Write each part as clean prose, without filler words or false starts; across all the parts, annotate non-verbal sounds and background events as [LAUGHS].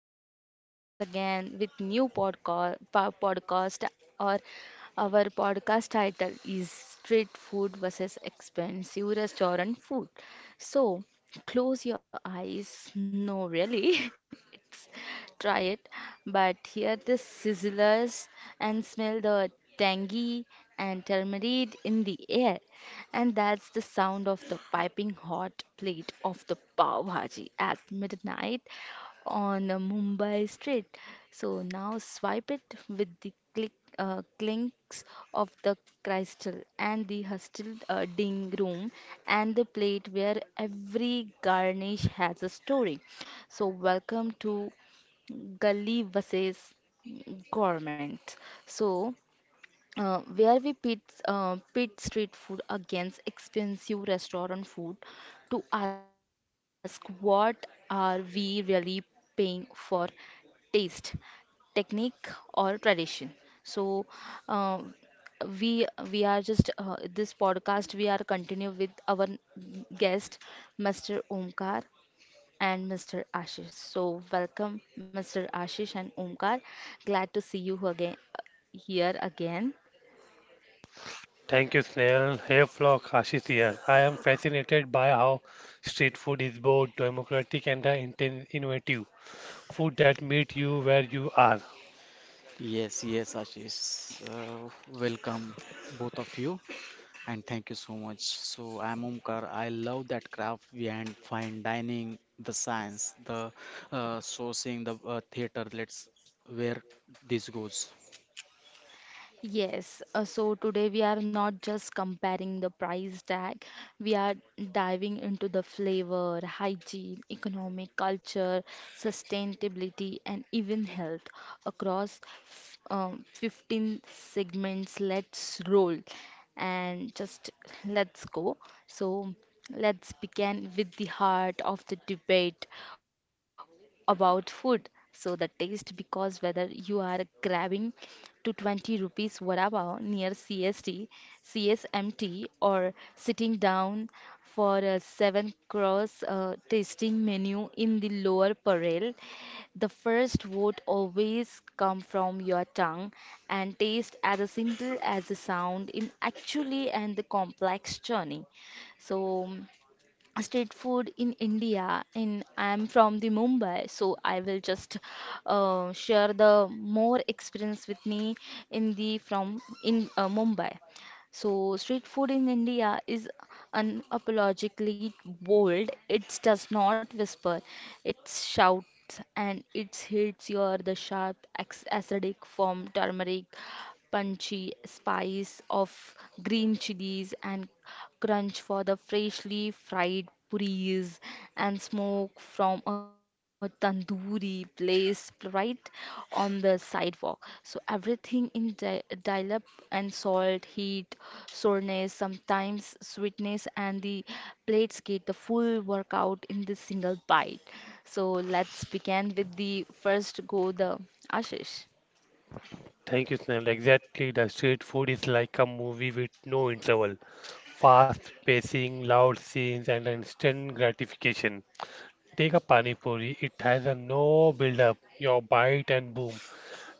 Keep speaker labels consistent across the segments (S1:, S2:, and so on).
S1: Welcome to once again with new podcast podcast or our podcast title is street food versus expensive restaurant food. So, Close your eyes. No, really. [LAUGHS] It's- Try it, but hear the sizzlers and smell the tangy and turmeric in the air, and that's the sound of the piping hot plate of the pav bhaji at midnight on a Mumbai street. So now swipe it with the click, clinks of the crystal and the hostel ding room and the plate where every garnish has a story. So welcome to Gully versus Government. So where we pit street food against expensive restaurant food, to ask what are we really paying for: taste, technique or tradition. So uh, we we are just this podcast we are continue with our guest Mr. Omkar and Mr. Ashish. So welcome Mr. Ashish and Omkar. Glad to see you again here again.
S2: Thank you, Snail. Hey, Flock, Ashish here. I am fascinated by how street food is both democratic and innovative. Food that meet you where you are.
S3: Yes, yes, Ashish. Welcome, both of you, and thank you so much. So, I'm Omkar. I love that craft behind fine dining, the science, the sourcing, the theater. Let's where this goes.
S1: Yes, so today we are not just comparing the price tag, we are diving into the flavor, hygiene, economic, culture, sustainability, and even health across 15 segments. Let's roll and just let's go. So, let's begin with the heart of the debate about food. So the taste, because whether you are grabbing to 20 rupees vada pav near CST, CSMT, or sitting down for a 7 cross tasting menu in the lower parel, the first vote always come from your tongue, and taste as a simple as the sound in actually and the complex journey. So street food in India, and I'm from the Mumbai, so I will just share the more experience with me in the from in Mumbai. So street food in India is unapologetically bold. It does not whisper. It shouts, and it hits your the sharp acidic from turmeric, punchy spice of green chilies and crunch for the freshly fried puris and smoke from a tandoori place right on the sidewalk. So everything in dial up and salt, heat, soreness, sometimes sweetness, and the plates get the full workout in the single bite. So let's begin with the first go the Ashish.
S2: Thank you, Snail. Exactly, the street food is like a movie with no interval. Fast pacing, loud scenes, and instant gratification. Take a pani puri. It has a no build-up. Your bite and boom,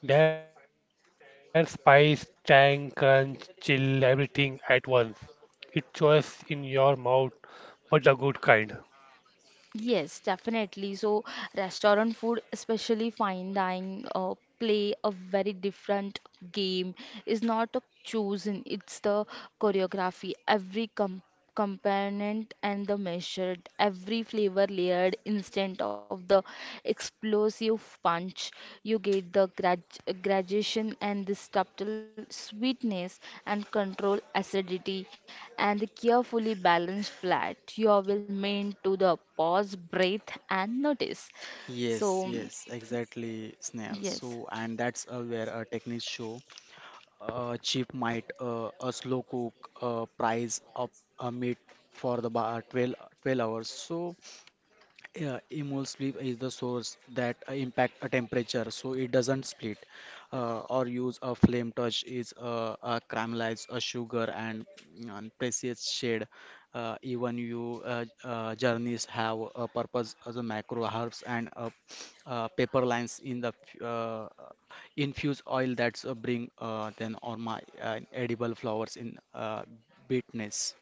S2: their spice, tang, crunch, chill, everything at once. It just in your mouth, but the good kind.
S1: Yes, definitely. So, restaurant food, especially fine dining, play a very different game. It's not a chosen, it's the choreography. Every component and the measured, every flavor layered instead of the explosive punch. You get the gradation and the subtle sweetness and control acidity and the carefully balanced flat. You will meant to the pause, breathe, and notice.
S3: Yes,
S1: So,
S3: yes, exactly, Snail.
S1: yes.
S3: So, and that's where a technique show, cheap might, a slow cook, price up a meat for the bar 12, 12 hours. So, yeah, immold sleep is the source that impact a temperature, so it doesn't split. Or use a flame torch is caramelize a sugar and, and precious shade. Even you journeys have a purpose as a macro herbs and paper lines in the f- uh, infused oil that's bring then or my edible flowers in bitterness.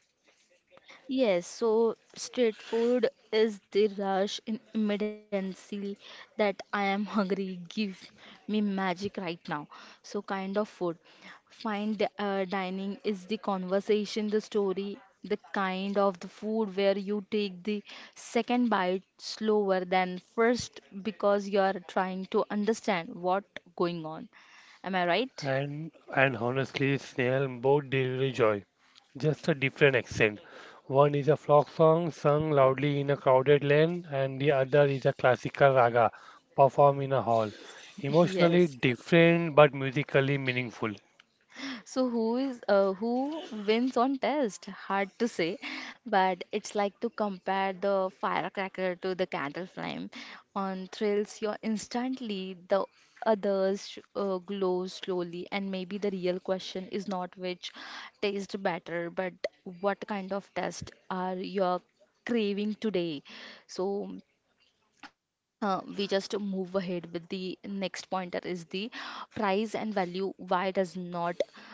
S1: Yes, so street food is the rush in immediacy, that I am [LAUGHS] hungry. Give me magic right now. So kind of food. Fine dining is the conversation, the story, the kind of the food where you take the second bite slower than first because you are trying to understand what going on. Am I right?
S2: And honestly, Snail, both deliver joy. Just a different accent. One is a folk song sung loudly in a crowded lane, and the other is a classical raga performed in a hall.
S1: [LAUGHS]
S2: Emotionally
S1: Yes.
S2: different, but musically meaningful.
S1: So who is who wins on test? Hard to say, but it's like to compare the firecracker to the candle flame. On thrills, you're instantly the others glow slowly, and maybe the real question is not which tastes better, but what kind of test are you craving today? So we just move ahead with the next pointer is the price and value. Why does not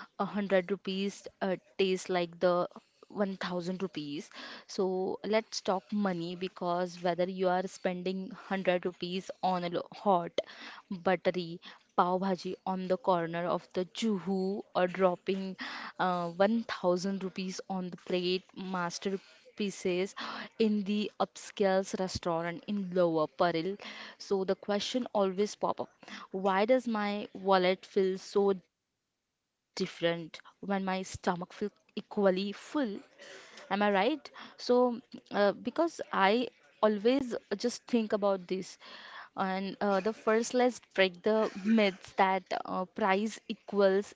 S1: a hundred rupees taste like the 1000 rupees? So let's talk money, because whether you are spending 100 rupees on a hot buttery pav bhaji on the corner of the juhu, or dropping 1000 rupees on the plate master pieces in the upscale restaurant in Lower Parel. So the question always pop up. Why does my wallet feel so different when my stomach feels equally full? Am I right? So because I always just think about this, and the first let's break the myths that price equals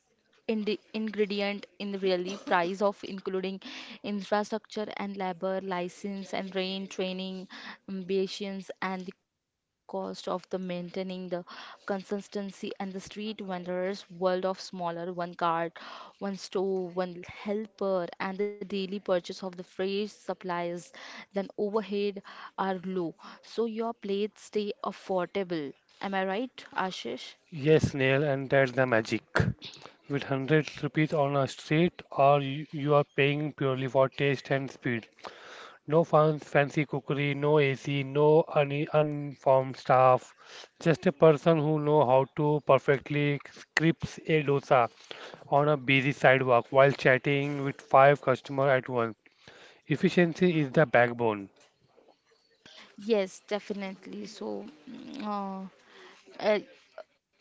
S1: ingredient in the really price of including infrastructure and labor license and rain training ambitions and the cost of the maintaining the consistency, and the street vendors world of smaller one cart one store one helper and the daily purchase of the fresh supplies, then overhead are low, so your plates stay affordable. Am I right, Ashish?
S2: Yes, Snail, and that's the magic. With hundreds rupees on a street or you are paying purely for taste and speed. No fan, fancy cookery, no AC, no uniformed staff. Just a person who know how to perfectly scripts a dosa on a busy sidewalk while chatting with five customers at once. Efficiency is the backbone.
S1: Yes, definitely. So, a,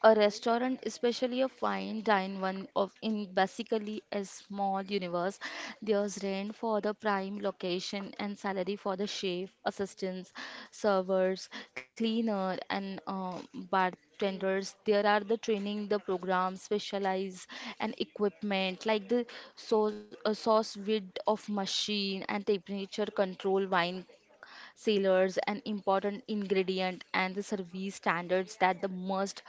S1: a restaurant, especially a fine dine one of in basically a small universe, there's rent for the prime location and salary for the chef, assistants, servers, cleaner, and bartenders. There are the training, the program, specialized and equipment like the a sauce width of machine and temperature control, wine sailors an important ingredient, and the service standards that the must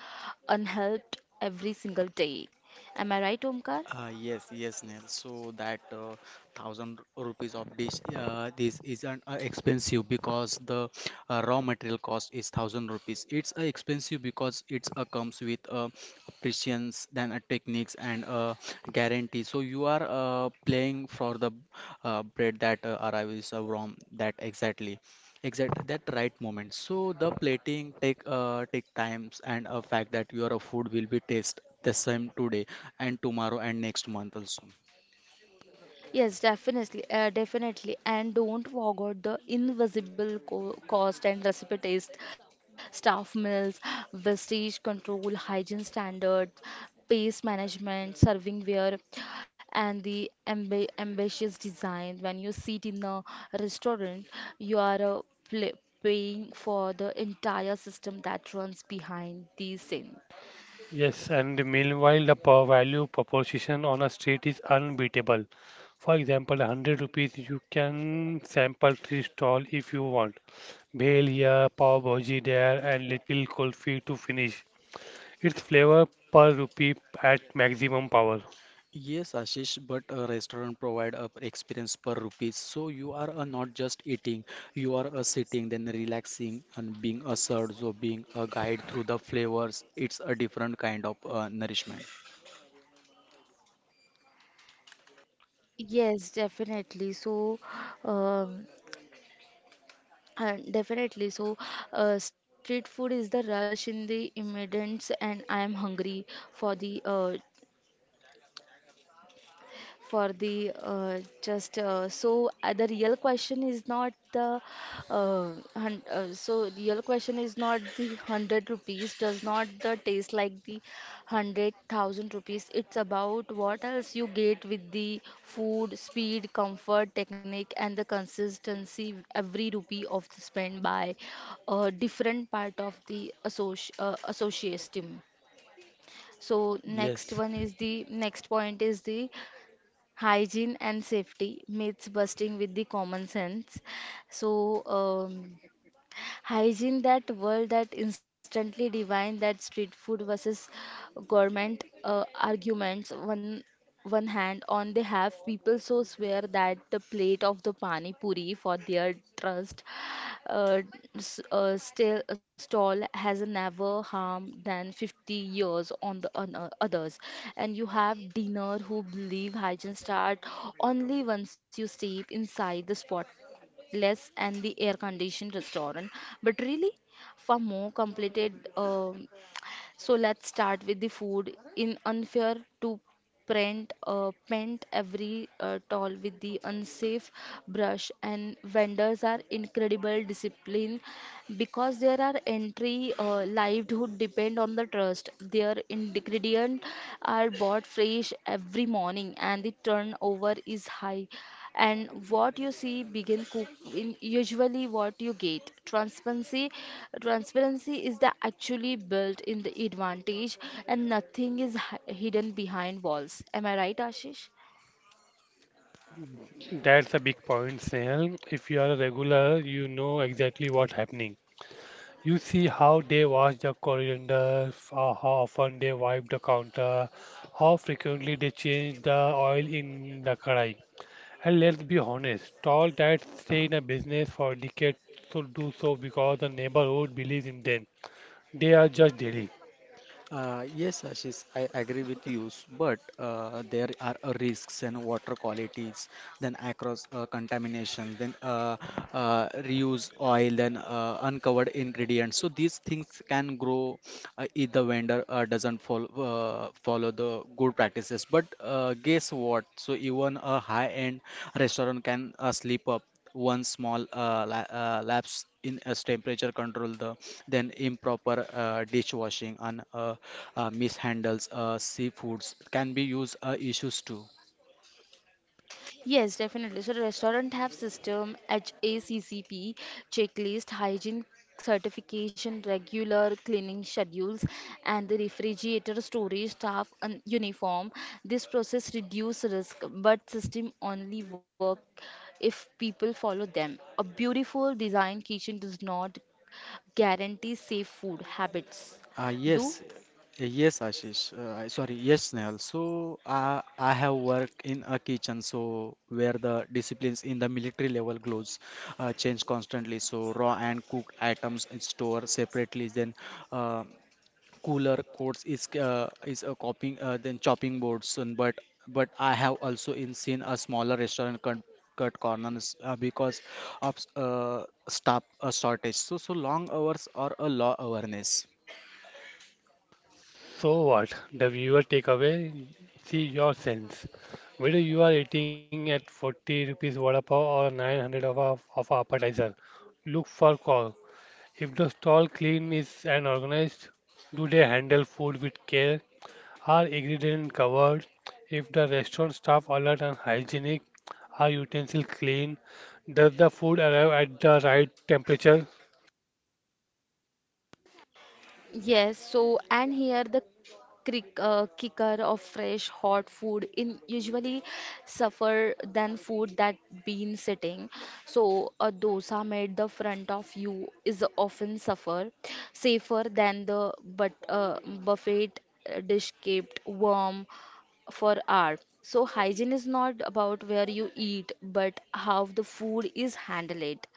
S1: unhelped every single day. Am I right, Omkar?
S3: Yes, yes, Neil. So that thousand rupees of dish, this isn't expensive because the raw material cost is thousand rupees. It's expensive because it comes with precisions, then techniques and guarantee. So you are playing for the bread that arrives from that exactly. Exactly, that right moment. So the plating take take times and a fact that your food will be taste the same today and tomorrow and next month also.
S1: Yes, definitely, definitely, and don't forget the invisible co cost and recipe taste, staff meals, vestige control, hygiene standards, pace management, serving ware, and the ambitious design. When you sit in a restaurant, you are pla paying for the entire system that runs behind the scene.
S2: Yes, and meanwhile, the per value proposition on a street is unbeatable. For example, 100 rupees, you can sample three stall if you want. Bhel here, pav bhaji there, and little kulfi to finish. It's flavor per rupee at maximum power.
S3: Yes, Ashish, but a restaurant provide a experience per rupees. So you are not just eating, you are sitting, then relaxing and being a served, so being a guide through the flavors. It's a different kind of nourishment.
S1: Yes, definitely. Um, Uh, definitely. So, Street food is the rush in the immigrants, and I am hungry for the uh, for the just so the real question is not the hun- so real question is not the 100 rupees does not the taste like the 100,000 rupees. It's about what else you get with the food: speed, comfort, technique, and the consistency. Every rupee of the spend by a different part of the association. So next
S3: Yes.
S1: one is the next point is the hygiene and safety myths busting with the common sense. So um, hygiene that world that instantly divine that street food versus government arguments. One hand on they have people so swear that the plate of the pani puri for their trust uh, still a stall has never harmed than 50 years on the on, others, and you have dinner who believe hygiene start only once you step inside the spotless and the air conditioned restaurant, but really far more completed. So let's start with the food. In unfair to paint every tall with the unsafe brush, and vendors are incredible discipline because there are entry livelihood depend on the trust. Their ingredient are bought fresh every morning, and the turnover is high, and what you see begin cook in usually what you get: transparency is the actually built in the advantage, and nothing is hidden behind walls. Am I right, Ashish?
S2: That's a big point, Snehal. If you are a regular, you know exactly what's happening. You see how they wash the coriander, how often they wipe the counter, how frequently they change the oil in the kadai. And let's be honest, all that stay in a business for decades should do so because the neighborhood believes in them. They are just daily.
S3: Yes, Ashish, I agree with you, but there are risks and water qualities, then across contamination, then reuse oil, then uncovered ingredients. So these things can grow if the vendor doesn't follow the good practices. But guess what? So even a high-end restaurant can slip up one small lapse in as temperature control the then improper dishwashing and mishandles seafoods can be used issues too.
S1: Yes, definitely. So the restaurant have system HACCP checklist, hygiene certification, regular cleaning schedules, and the refrigerator storage staff and uniform. This process reduce risk, but system only work if people follow them. A beautiful design kitchen does not guarantee safe food habits.
S3: Yes
S1: Do?
S3: yes ashish Sorry, yes, Snehal. So I have worked in a kitchen so where the disciplines in the military level gloves change constantly so raw and cooked items is stored separately then uh, cooler quotes is is a copying than chopping boards and but I have also in seen a smaller restaurant cut corners because of staff shortage so long hours or a low awareness.
S2: So what? The viewer takeaway? See your sense. Whether you are eating at 40 rupees vada pav or 900 of a appetizer, look for call. If the stall clean is and organized, do they handle food with care? Are ingredients covered? If the restaurant staff alert and hygienic, are utensils clean? Does the food arrive at the right temperature?
S1: Yes, so and here the kicker of fresh hot food in usually suffer than food that been sitting. So a dosa made the front of you is often suffer safer than the but buffet dish kept warm for art. So hygiene is not about where you eat, but how the food is handled.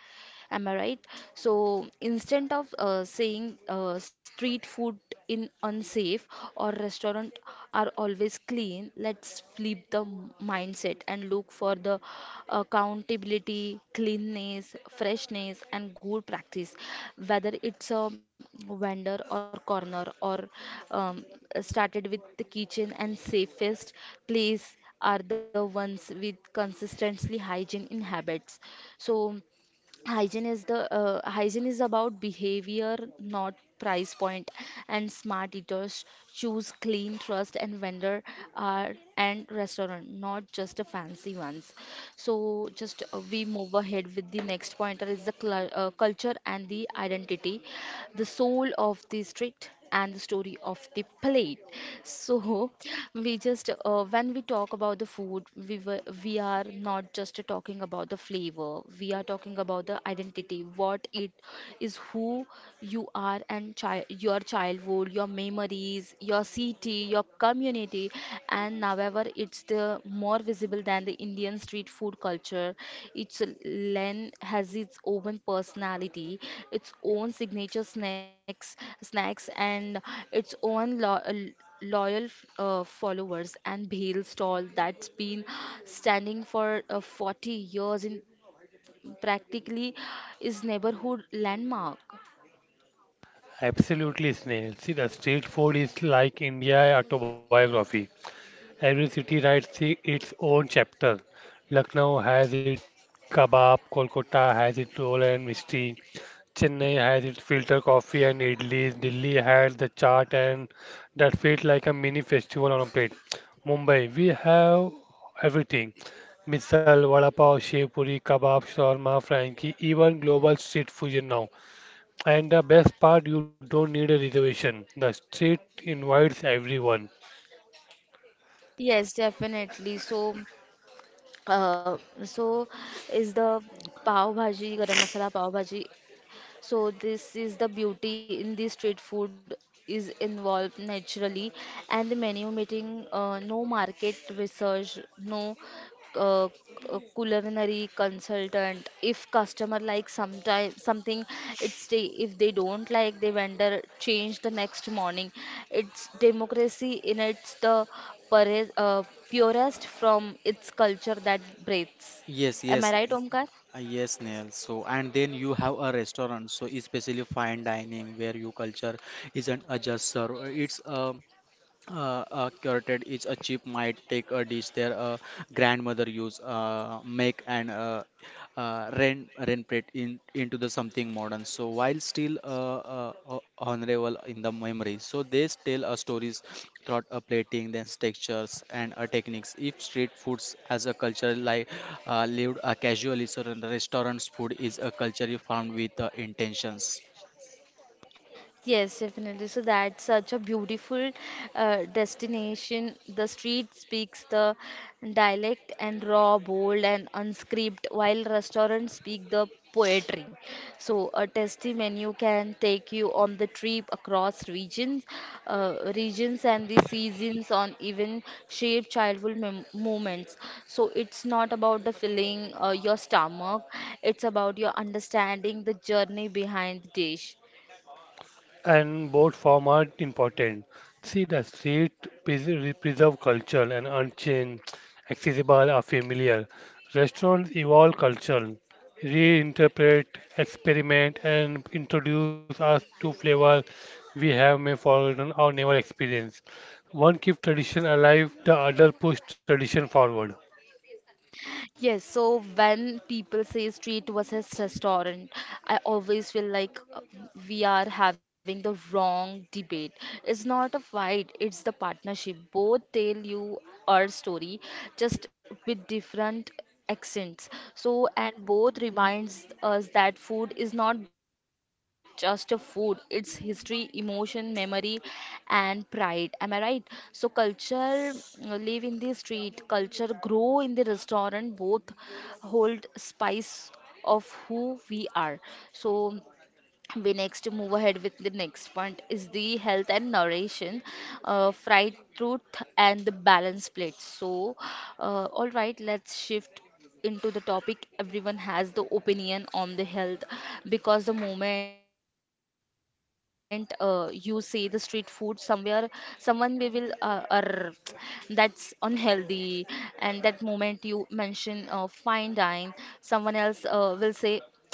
S1: Am I right? So instead of saying street food in unsafe or restaurant are always clean, let's flip the mindset and look for the accountability, cleanness, freshness, and good practice. Whether it's a vendor or corner or um, started with the kitchen, and safest place are the ones with consistently hygiene in habits. So hygiene is about behavior, not price point, and smart eaters choose clean trust and vendor and restaurant, not just the fancy ones. So just uh, we move ahead with the next pointer is the culture and the identity, the soul of the street and the story of the plate. So we just when we talk about the food, we are not just talking about the flavor. We are talking about the identity. What it is, who you are, and your childhood, your memories, your city, your community, and now however, it's the more visible than the Indian street food culture. Each lane has its own personality, its own signature snacks, and its own loyal followers, and bhel stall that's been standing for 40 years in practically is neighborhood landmark.
S2: Absolutely, Snail. See, the street food is like India autobiography. Every city writes its own chapter. Lucknow has its kebab, Kolkata has its roll and mystery, Chennai has its filter coffee and idlis, Delhi has the chaat and that feels like a mini festival on a plate. Mumbai, we have everything. Misal, vada pav, shev puri, kebab, shawarma, frankie, even global street fusion now. And the best part, you don't need a reservation. The street invites everyone.
S1: Yes, definitely. So, uh, so is the pav bhaji, garam masala pav bhaji. So this is the beauty in the street food, is involved naturally, and the menu meeting no market research, no uh, culinary consultant. If customer like sometime something, it stay. If they don't like, the vendor change the next morning. It's democracy in its the pure, uh, purest from its culture that breathes.
S3: Yes,
S1: Am I
S3: yes.
S1: right, Omkar?
S3: Yes, Neil. So, and then you have a restaurant, so especially fine dining where your culture isn't a just serve. It's a curated is a chip might take a dish their grandmother use make and rent it in into the something modern so while still honorable in the memory so they tell stories throughout a plating then textures and techniques if street foods as a culture like lived casually so the restaurant's food is a culture you found with intentions.
S1: Yes, definitely. So that's such a beautiful destination. The street speaks the dialect and raw, bold, and unscripted, while restaurants speak the poetry. So a tasty menu can take you on the trip across regions, and the seasons on even shape childhood mem moments. So it's not about the filling your stomach; it's about your understanding the journey behind the dish.
S2: And both form are important. See, the street preserve culture and unchanged, accessible or familiar. Restaurants evolve culture, reinterpret, experiment, and introduce us to flavor we have may forgotten or never experienced. One keeps tradition alive, the other push tradition forward.
S1: Yes, so when people say street versus restaurant, I always feel like we are having the wrong debate. It's not a fight, it's the partnership. Both tell you our story, just with different accents. So, and both reminds us that food is not just a food, it's history, emotion, memory, and pride. Am I right? So, culture live in the street, culture grow in the restaurant, both hold spice of who we are. So, we next move ahead with the next point is the health and nutrition fried truth and the balanced plate. So all right, let's shift into the topic everyone has the opinion on the health, because the moment you say the street food, somewhere someone we will are that's unhealthy. And that moment you mention fine dine, someone else will say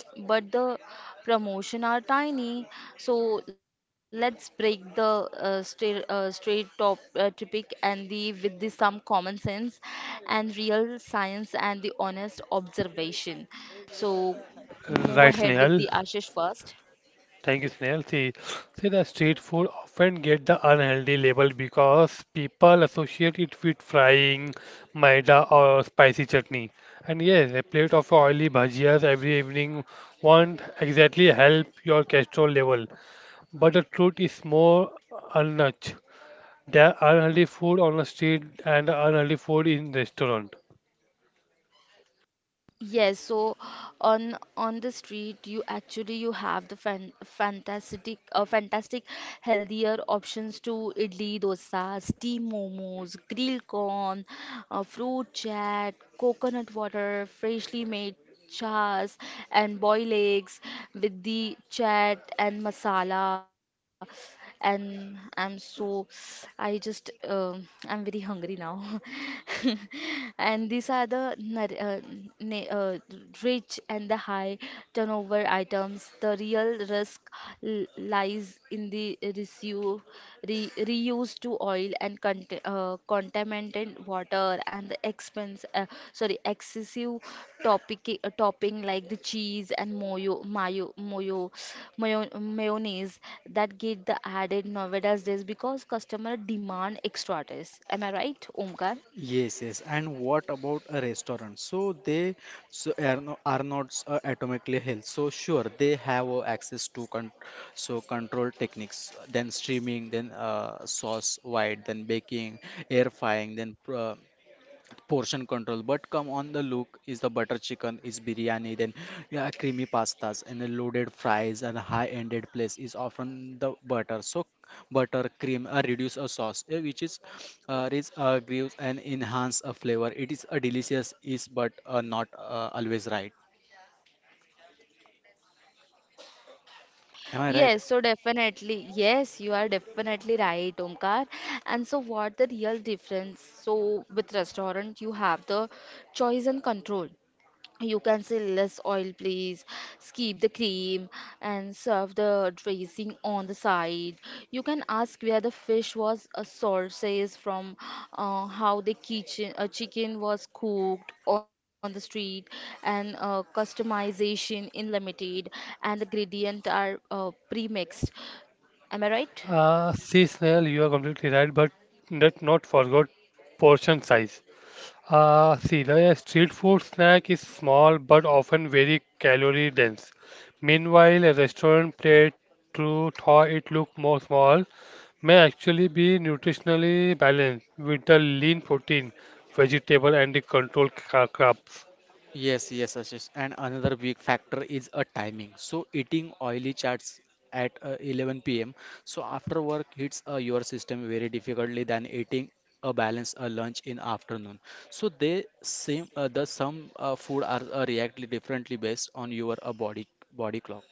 S1: but the promotion are tiny. So let's break the straight straight top topic, and the with the some common sense and real science and the honest observation. So move ahead
S2: Right,
S1: with the
S2: Snehal.
S1: Ashish first.
S2: Thank you, Snehal. See, the street food often get the unhealthy label because people associate it with frying, maida, or spicy chutney. And yes, a plate of oily bhajias every evening won't exactly help your cholesterol level. But the truth is more unnudge. There are unhealthy food on the street and unhealthy food in restaurant.
S1: Yes, so on the street you actually you have the fantastic healthier options to idli dosa, steam momos, grilled corn, fruit chat, coconut water, freshly made chas and boil eggs with the chat and masala. And I'm so, I just, I'm very hungry now. [LAUGHS] And these are the na- uh, rich and the high turnover items. The real risk lies in the resu re, reuse to oil and contaminated water and the expense sorry excessive topic topping like the cheese and mayo mayo mayonnaise that get the added nowadays days because customer demand extra taste. Am I right, Omkar?
S3: Yes, yes. And what about a restaurant? So they so are, no, are not atomically health. So sure, they have access to con so control techniques, then streaming, then sauce white, then baking, air frying, then portion control but come on the look is the butter chicken is biryani then yeah, creamy pastas and the loaded fries and high ended place is often the butter so butter cream reduce a sauce which is gives and enhance a flavor it is a delicious is but not always right, am I right?
S1: Yes, so definitely, yes, you are definitely right, Omkar. And so, what the real difference? So, with restaurant, you have the choice and control. You can say less oil, please. Skip the cream and serve the dressing on the side. You can ask where the fish was sources from, how the kitchen chicken was cooked on the street, and customization in limited, and the gradient are pre-mixed. Am I right?
S2: See, Snehal, you are completely right, but let's not forget portion size. See, the street food snack is small but often very calorie dense. Meanwhile, a restaurant plate, to thaw it look more small, may actually be nutritionally balanced with the lean protein, vegetable, and the controlled carbs.
S3: Yes, yes, Ashish. And another big factor is a timing. So eating oily chats at 11 p.m. So after work hits your system very difficultly than eating a balanced lunch in afternoon. So they same the some food are react differently based on your body clock.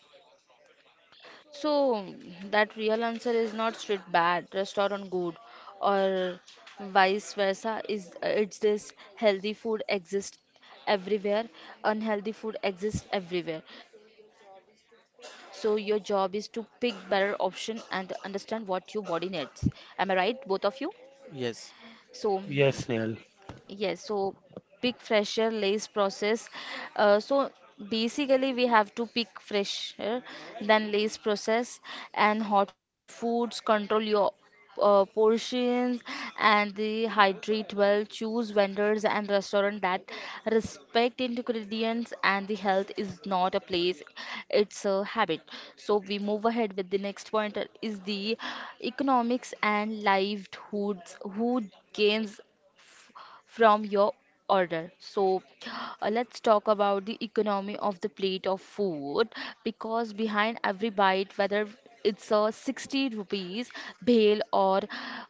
S1: So that real answer is not street bad, restaurant good, or vice versa. Is it's this healthy food exists everywhere, unhealthy food exists everywhere. So your job is to pick better option and understand what your body needs. Am I right, both of you?
S3: Yes,
S1: So
S2: Yes, Neil.
S1: yes, so pick fresher lace process. So basically, we have to pick fresher than lace process and hot foods. Control your portions and the hydrate well. Choose vendors and restaurant that respect ingredients and the health is not a place; it's a habit. So we move ahead with the next point is the economics and livelihoods. Who gains from your order. So, let's talk about the economy of the plate of food, because behind every bite, whether it's a 60 rupees bhel or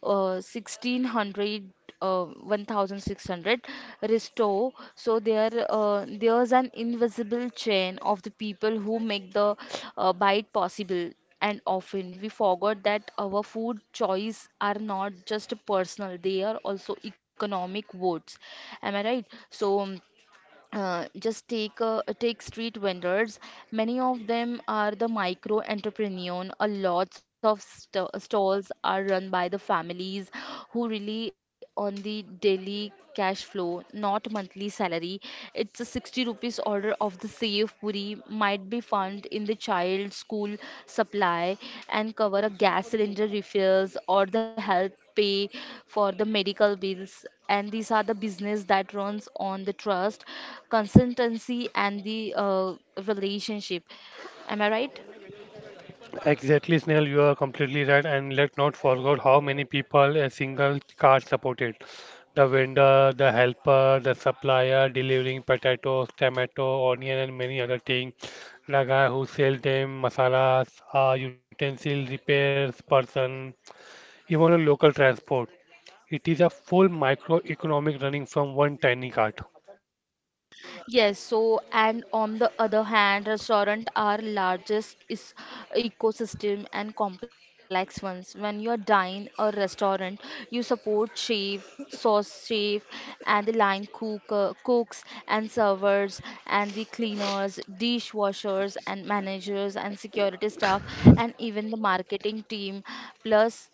S1: uh, 1600 uh, 1600 resto, so there's an invisible chain of the people who make the bite possible. And often we forget that our food choice are not just personal, they are also economic votes. Am I right? So just take take street vendors, many of them are the micro entrepreneur. A lots of stalls are run by the families who rely on the daily cash flow, not monthly salary. It's a 60 rupees order of the safe puri might be found in the child school supply and cover a gas cylinder refills or the health pay for the medical bills. And these are the business that runs on the trust, consistency and the relationship. Am I right?
S2: Exactly, Snail. You are completely right. And let's not forget how many people a single cart supported. The vendor, the helper, the supplier delivering potatoes, tomato, onion, and many other things. The guy who sells them masalas, utensil repairs person, even a local transport. It is a full microeconomic running from one tiny cart.
S1: Yes, so and on the other hand, restaurant are largest is ecosystem and complex ones. When you dine a restaurant, you support chef, sauce chef, and the line cook, cooks and servers and the cleaners, dishwashers and managers and security staff and even the marketing team. Plus,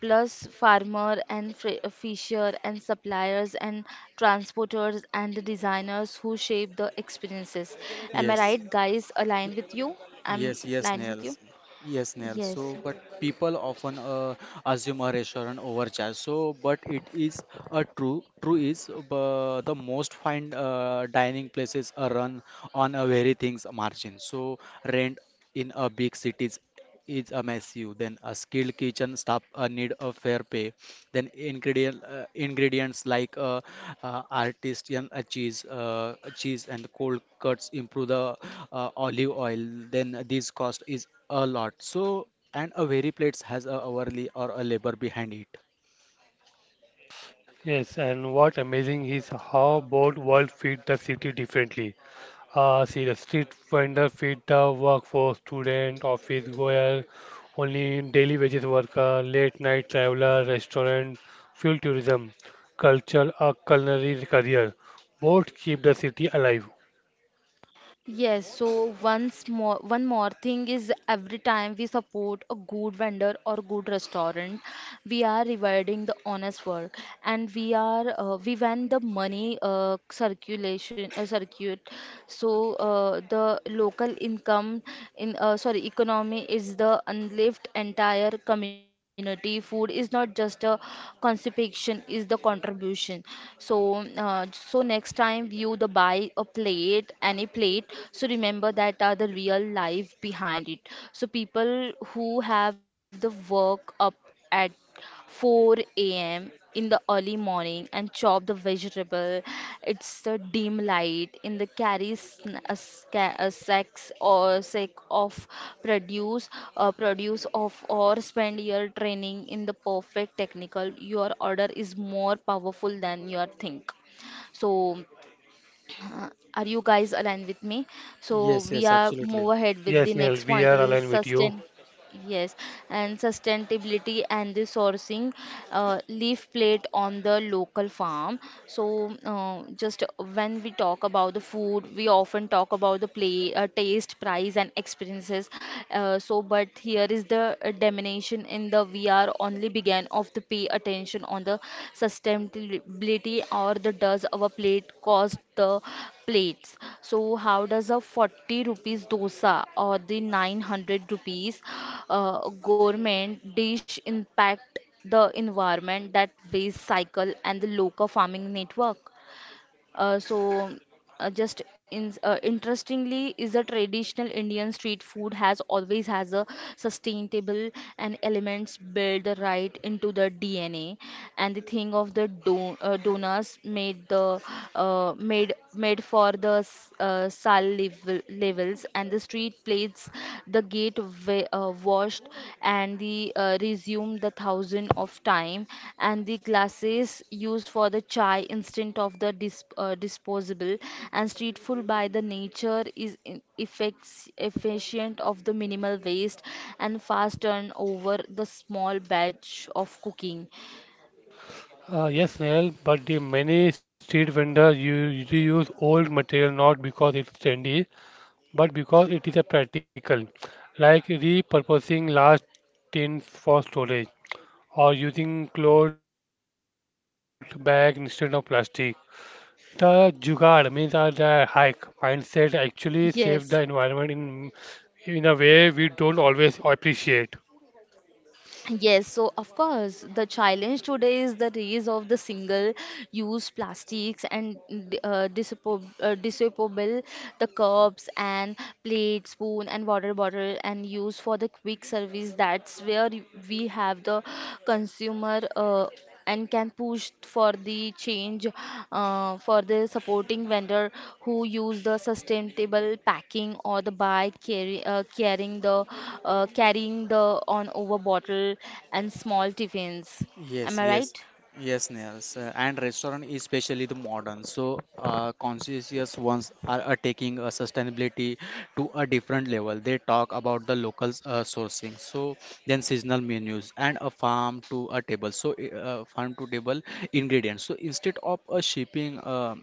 S1: plus farmer and fisher and suppliers and transporters and the designers who shape the experiences. Am I
S3: yes.
S1: right, guys? Aligned with you. I'm
S3: Yes, yes,
S1: aligned with you.
S3: Nails. Yes, Nails.
S1: Yes.
S3: So, but people often assume a restaurant overcharge. So, but it is a true is the most fine dining places are run on a very things margin. So, rent in a big cities is a massive. Then a skilled kitchen staff need a fair pay then ingredients like artisan cheese, cheese and cold cuts improve the olive oil. Then this cost is a lot. So and a very plates has a hourly or a labor behind it.
S2: Yes, and what amazing is how both world feed the city differently. See, the street vendor feed the workforce, student, office goer, only daily wages worker, late night traveler, restaurant, fuel tourism, culture, a culinary career. Both keep the city alive.
S1: Yes, so once more, one more thing is every time we support a good vendor or good restaurant, we are rewarding the honest work, and we are we when the money circulation circuit, so the local income in sorry economy is the unlived entire community. Food is not just a consumption, is the contribution. So so next time view the buy a plate, any plate, so remember that are the real life behind it. So people who have the work up at 4 a.m. in the early morning and chop the vegetable. It's the dim light in the carry sn- a sca- a sacks or sack of produce, produce of or spend your training in the perfect technical. Your order is more powerful than your think. So uh, are you guys aligned with me? So
S3: Yes,
S1: we
S3: yes,
S1: are move
S3: absolutely.
S1: ahead with the
S2: Yes, Neil,
S1: next
S2: we
S1: point.
S2: are
S1: Is
S2: aligned with you.
S1: sustain. Yes, and sustainability and the sourcing leaf plate on the local farm. So, just when we talk about the food, we often talk about the taste, price, and experiences. But here is the diminution in the VR only began of the pay attention on the sustainability, or the does our plate cost the plates. So how does a 40 rupees dosa or the 900 rupees gourmet dish impact the environment, that waste cycle and the local farming network? Uh, so, interestingly, is a traditional Indian street food has always has a sustainable and elements built right into the DNA. And the thing of the do donors made for the sal level, levels and the street plates the gate washed and the resumed the thousand of time, and the glasses used for the chai instant of the disposable. And street food by the nature is effects efficient of the minimal waste and fast turnover the small batch of cooking.
S2: Yes, Neil, but the many street vendors reuse old material not because it's trendy, but because it is a practical, like repurposing large tins for storage or using cloth bag instead of plastic. The jugaad means the hike mindset actually saves the environment in
S1: Yes.
S2: a way we don't always appreciate.
S1: Yes, so of course, the challenge today is the rise of the single-use plastics and disposable the cups and plate, spoon, and water bottle, and used for the quick service. That's where we have the consumer. And can push for the change for the supporting vendor who use the sustainable packing or the by carrying the on over bottle and small tiffins. Am
S3: Yes,
S1: I
S3: yes,
S1: right?
S3: yes, Nails. And restaurant, especially the modern. So, conscientious ones are, taking sustainability to a different level. They talk about the local sourcing. So, then seasonal menus and a farm to a table. So, farm to table ingredients. So, instead of shipping uh,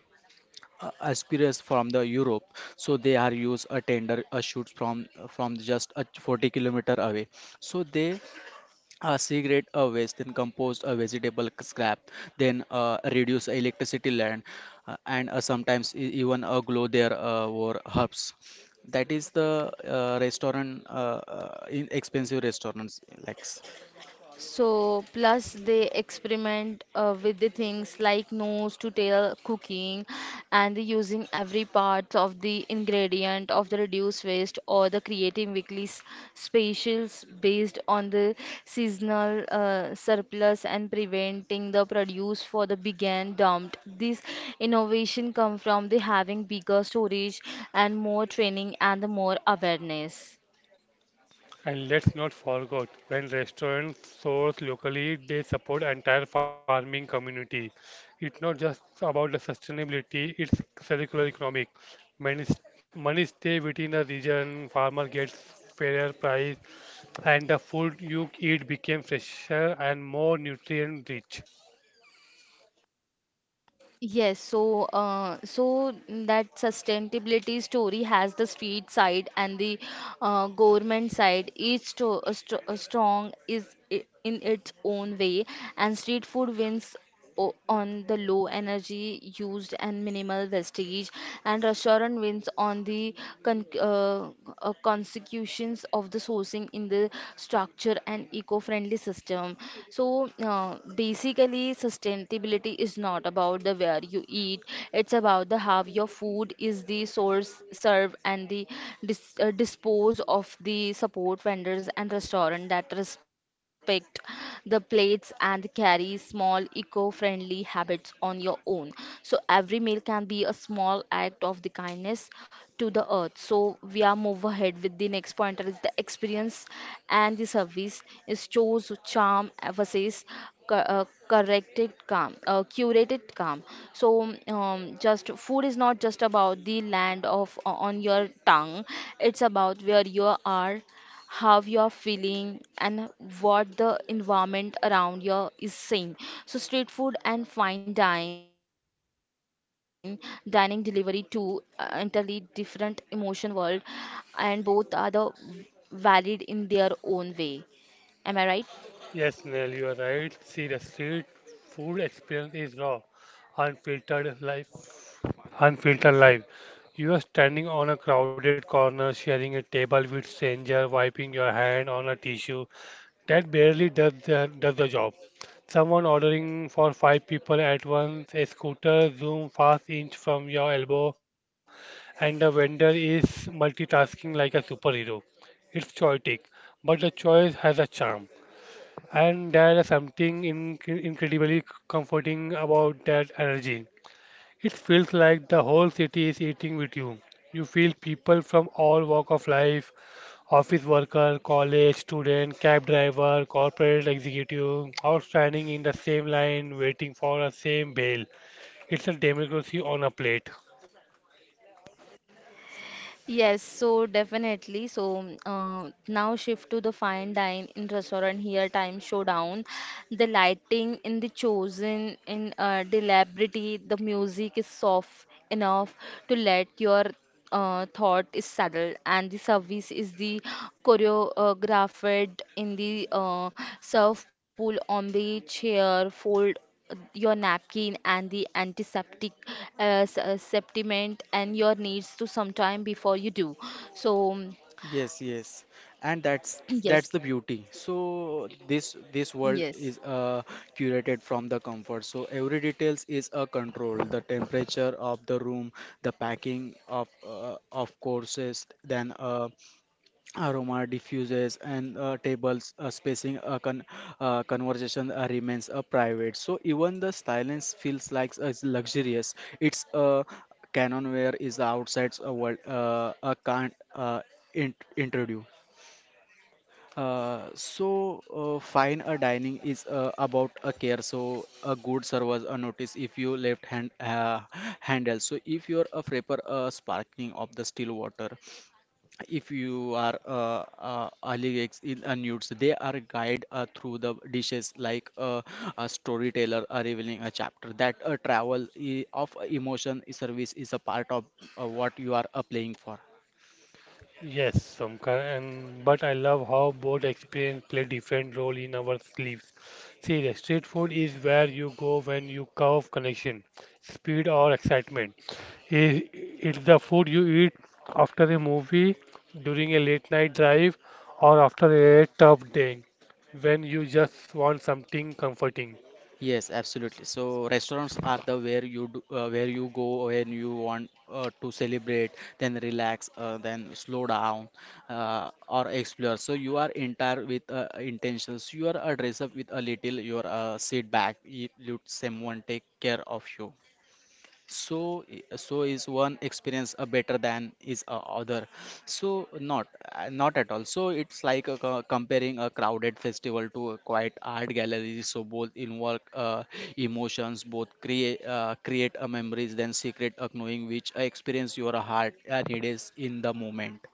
S3: uh, asparagus from the Europe, so they are use a tender shoots from just a 40 kilometer away. So they segregate a waste, then compost a vegetable scrap, then reduce electricity land, and sometimes even glow their war herbs. That is the restaurant, in expensive restaurants like.
S1: So, plus they experiment with the things like nose to tail cooking and the using every part of the ingredient of the reduced waste, or the creating weekly specials based on the seasonal surplus and preventing the produce for the big and dumped. This innovation come from the having bigger storage and more training and the more awareness.
S2: And let's not forget, when restaurants source locally, they support entire farming community. It's not just about the sustainability, it's circular economic. Money, money stay within the region, farmer gets fairer price, and the food you eat became fresher and more nutrient rich.
S1: Yes, so so that sustainability story has the street side and the government side. Each sto st strong is in its own way, and street food wins o on the low energy used and minimal wastage, and restaurant wins on the con uh, consecutions of the sourcing in the structure and eco-friendly system. So basically, sustainability is not about the where you eat; it's about the how your food is the source, serve, and the dispose of the support vendors and restaurant that respect the plates and carry small eco-friendly habits on your own. So every meal can be a small act of the kindness to the earth. So we are move ahead with the next pointer is the experience and the service is chose charm versus cu- corrected calm curated calm. So just food is not just about the land of on your tongue, it's about where you are, how you are feeling and what the environment around you is saying. So street food and fine dine dining delivery two entirely different emotion world, and both are the valid in their own way. Am I right?
S2: Yes, Nell, you are right. See, the street food experience is raw, unfiltered life. Unfiltered life. You are standing on a crowded corner, sharing a table with stranger, wiping your hand on a tissue. That barely does does the job. Someone ordering for five people at once, a scooter zoom fast inch from your elbow, and the vendor is multitasking like a superhero. It's chaotic, but the choice has a charm. And there is something in incredibly comforting about that energy. It feels like the whole city is eating with you. You feel people from all walk of life, office worker, college student, cab driver, corporate executive, all standing in the same line waiting for the same bail. It's a democracy on a plate.
S1: Yes, so definitely. So now shift to the fine dine in restaurant here time showdown. The lighting in the chosen in deliberately, the music is soft enough to let your thought is settled, and the service is the choreographed in the surf pool on the chair fold your napkin and the antiseptic supplement and your needs to sometime before you do so [CLEARS THROAT] mm,
S3: Yes, yes, and that's
S1: yes.
S3: the beauty. So this
S1: Yes.
S3: world is curated from the comfort. So every details is a control. The temperature of the room, the packing of courses, then aroma diffuses and tables spacing conversation remains private so even the silence feels like it's luxurious. It's a canon where is the outside world can't introduce. So fine a dining is about a care so a good servers a notice if you left hand handle so if you're a frapper sparkling of the still water if you are AliEx in unused, they are guide through the dishes like a storyteller revealing a chapter. That travel of emotion service is a part of what you are playing for.
S2: Yes, some ki- and but I love how both experience play different role in our sleeves. See, the street food is where you go when you crave connection, speed or excitement. It's the food you eat after a movie, during a late night drive, or after a tough day, when you just want something comforting.
S3: Yes, absolutely. So restaurants are the where you do, where you go when you want to celebrate, then relax, then slow down, or explore. So you are entire with intentions. You are dress up with a little. You are sit back. You let someone take care of you so is one experience a better than is a other so not not at all so it's like a, comparing a crowded festival to a quiet art gallery so both involve emotions both create a memories then secret acknowing which experience your heart needs in the moment.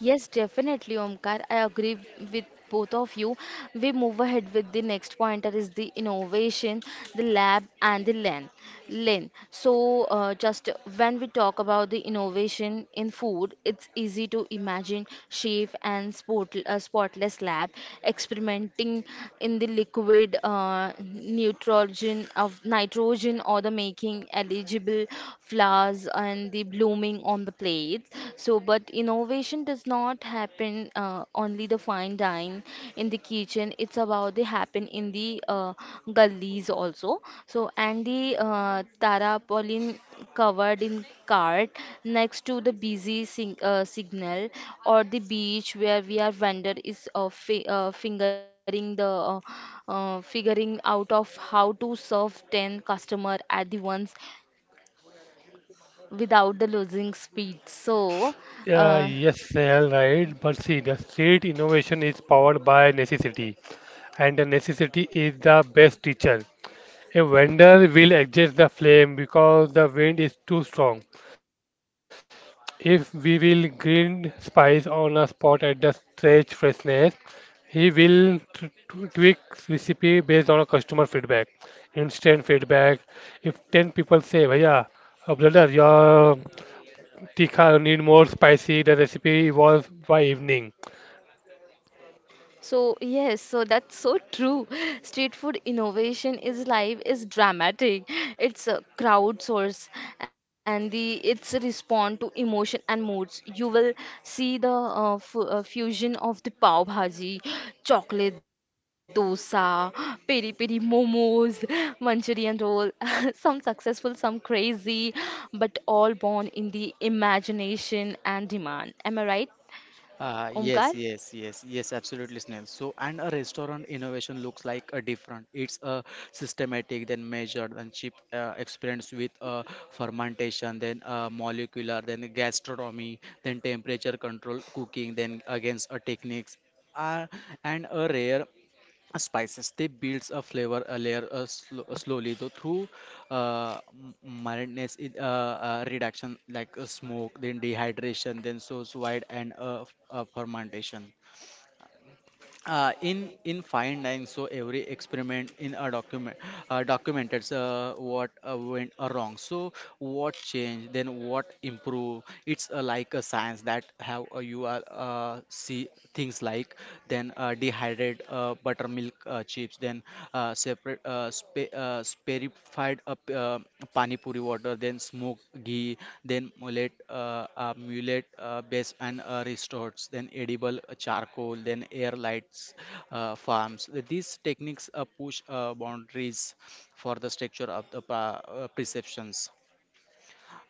S1: Yes, definitely, Omkar. I agree with both of you. We move ahead with the next pointer is the innovation, the lab, and the LAN. LAN. So, just when we talk about the innovation in food, it's easy to imagine chef and spotless lab experimenting in the liquid nitrogen of nitrogen or the making eligible flowers and the blooming foaming on the plates. So, but innovation does not happen only the fine dine in the kitchen. It's about the happen in the gullies also. So, and the tarpaulin covered in cart next to the busy signal or the beach where we are vendor is fingering the uh, figuring out of how to serve 10 customer at the once without the losing speed. Uh,
S2: Yeah, yes, all right. But see, the street innovation is powered by necessity, and the necessity is the best teacher. A vendor will adjust the flame because the wind is too strong. If we will grind spice on a spot at the stretch freshness, he will tweak recipe based on a customer feedback. Instant feedback. If 10 people say, Bhaiya, brother, your tikha need more spicy, the recipe evolves by evening.
S1: So, yes, so that's so true. [LAUGHS] Street food innovation is live, is dramatic. It's a crowdsource and the it's a respond to emotion and moods. You will see the fu fusion of the pav bhaji, chocolate dosa, peri peri momos, Manchurian roll, [LAUGHS] some successful, some crazy, but all born in the imagination and demand. Am I right, Omkar?
S3: Yes, Absolutely, Snail. So, and a restaurant innovation looks like a different. It's a systematic, then measured, then cheap experience with fermentation, then molecular, then gastronomy, then temperature control cooking, then against a techniques. Uh, and a rare spices they builds a flavor a layer sl slowly though through uh, m- mildness in, reduction like smoke then dehydration then so wide and fermentation in fine dining so every experiment in a documented what went wrong so what changed then what improve it's like a science that have you are see things like then dehydrated buttermilk chips then separate spe spe spherified up pani puri water, then smoked ghee, then mullet, mullet base and restorts, then edible charcoal, then air lights farms. These techniques push boundaries for the structure of the perceptions.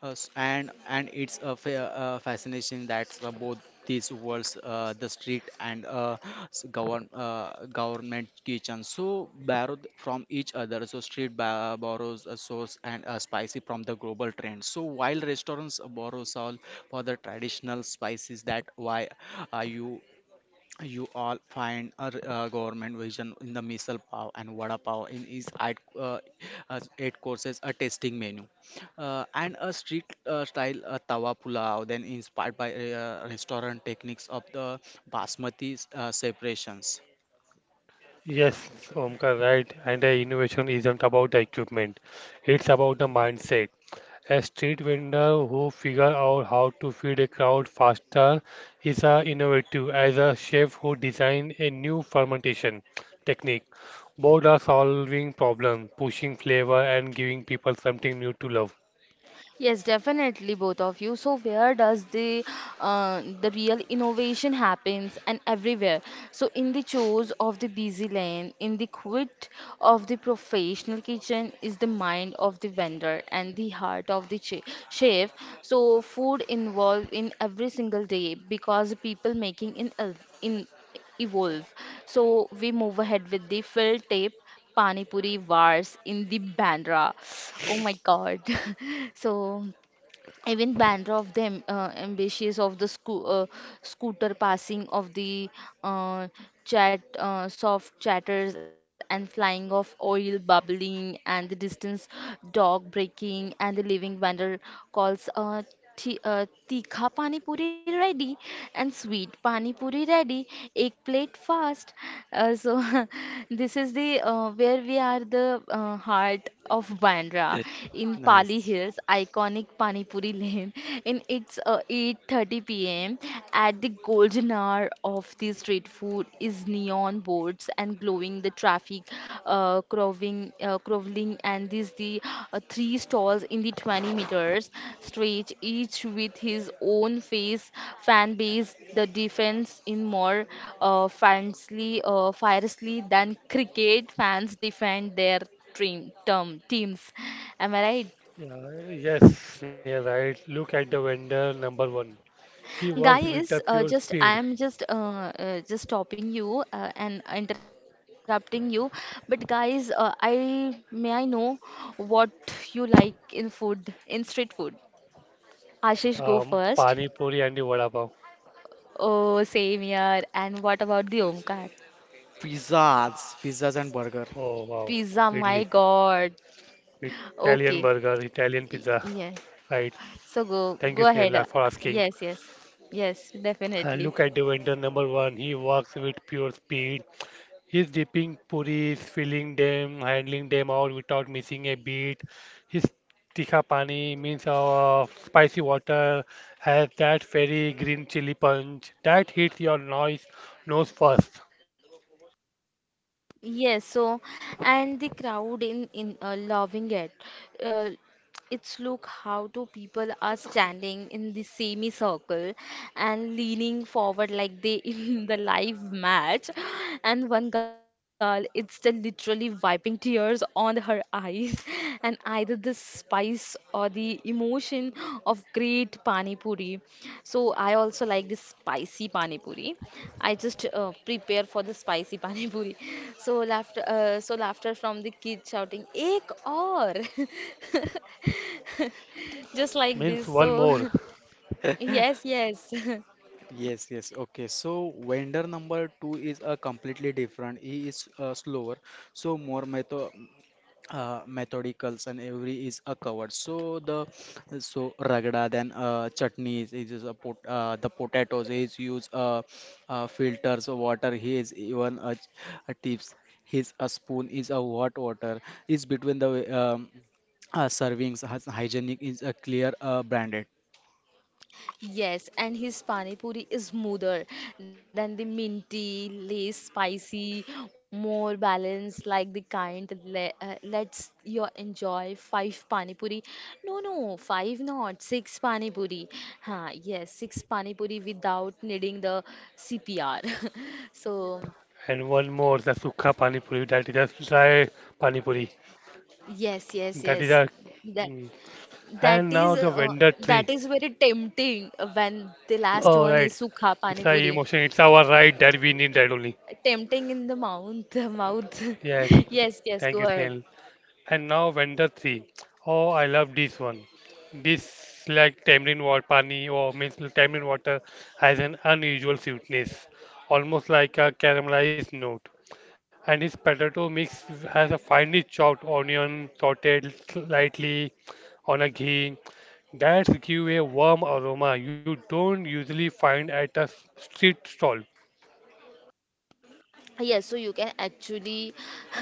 S3: And it's a fascination that both these worlds, the street and government kitchen, so borrowed from each other. So street borrows a sauce and spicy from the global trend. So while restaurants borrow all for the traditional spices that why are you all find a government version in the misal pav and vada pav in each eight courses a tasting menu and a street style tawa pulao then inspired by restaurant techniques of the basmati separations.
S2: Yes, Omkar, right. And the innovation isn't about the equipment. It's about the mindset. A street vendor who figures out how to feed a crowd faster is as innovative as a chef who designed a new fermentation technique. Both are solving problems, pushing flavor and giving people something new to love.
S1: Yes, definitely, both of you. So where does the real innovation happens and everywhere? So in the chores of the busy lane, in the quit of the professional kitchen is the mind of the vendor and the heart of the chef. So food involved in every single day because people making in evolve. So we move ahead with the fill tape Pani Puri wars in the Bandra. Oh my God. [LAUGHS] So even Bandra of them ambitious of the scooter passing of the uh, chat soft chatters and flying of oil bubbling and the distance dog breaking and the living vendor calls. Tikha pani puri ready and sweet pani puri ready, egg plate fast. So [LAUGHS] this is the where we are the heart of Bandra in Pali
S3: Nice.
S1: Hills, iconic pani puri lane. [LAUGHS] And it's 8:30 p.m. at the golden hour of the street food is neon boards and glowing the traffic crawling and these the three stalls in the 20 meters stretch each with his own face fan base the defense in more fansly fiercely than cricket fans defend their dream term teams. Am I right?
S2: Yeah, yes, you right. Look at the vendor number one. He works with a
S1: Guys,
S2: pure
S1: just
S2: speed.
S1: I am just stopping you and interrupting you, but guys, I may I know what you like in food, in street food. Ashish, go first.
S2: Pani Puri and the Vada Pav.
S1: Oh, same here. And what about the Omkar?
S3: Pizzas, pizzas and burger.
S2: Oh wow,
S1: Pizza,
S2: Italy.
S1: my God.
S2: Italian
S1: Okay,
S2: burger, Italian pizza.
S1: Yeah.
S2: Right.
S1: So
S2: Thank
S1: go
S2: you,
S1: go
S2: Snehal,
S1: ahead.
S2: for asking.
S1: Yes, yes, yes,
S2: And look
S1: definitely.
S2: at Devendra number one. He walks with pure speed. He's dipping puris, filling them, handling them out without missing a beat. His tikha pani means spicy water has that very green chili punch that hits your nose first.
S1: Yes, so and the crowd in loving it. Uh, it's look how two people are standing in the semicircle and leaning forward like they [LAUGHS] in the live match, and one girl it's the literally wiping tears on her eyes, and either the spice or the emotion of great pani puri. So I also like this spicy pani puri. I just prepare for the spicy [LAUGHS] pani puri. So laughter from the kids shouting "Ek aur," [LAUGHS] just like
S2: Means
S1: this.
S2: one
S1: So
S2: more.
S1: [LAUGHS] yes, yes. [LAUGHS]
S3: Yes, yes. Okay. So vendor number two is a completely different. He is slower, so more method methodicals, and every is a covered, so the, so ragda, then chutneys is a pot, the potatoes is use filters of water. He is even a tips, his a spoon is a hot water is between the um, servings, has hygienic, is a clear branded.
S1: Yes, and his pani puri is smoother than the minty, less spicy, more balanced, like the kind that le lets you enjoy 5 pani puri. No, no, five not, 6 pani puri. Huh, yes, 6 pani puri without needing the CPR. [LAUGHS] So,
S2: And one more the sukha pani puri that is a dry pani puri.
S1: yes, yes,
S2: That is
S1: yes.
S2: a
S1: That
S2: mm.
S1: that
S2: And now
S1: is
S2: the vendor
S1: that
S2: tree.
S1: is very tempting when the last
S2: All
S1: one
S2: right,
S1: is sukha pani
S2: it's a
S1: puri.
S2: emotion. It's our right that we need that only.
S1: Tempting in the mouth [LAUGHS] mouth
S2: Yes,
S1: [LAUGHS] yes, yes,
S2: thank you,
S1: go
S2: Snail.
S1: ahead.
S2: And now vendor three. Oh, I love this one. This like tamarind water, pani or means tamarind water has an unusual sweetness, almost like a caramelized note. And his potato mix has a finely chopped onion sauteed slightly on a ghee. That give a warm aroma you don't usually find at a street stall.
S1: Yes so you can actually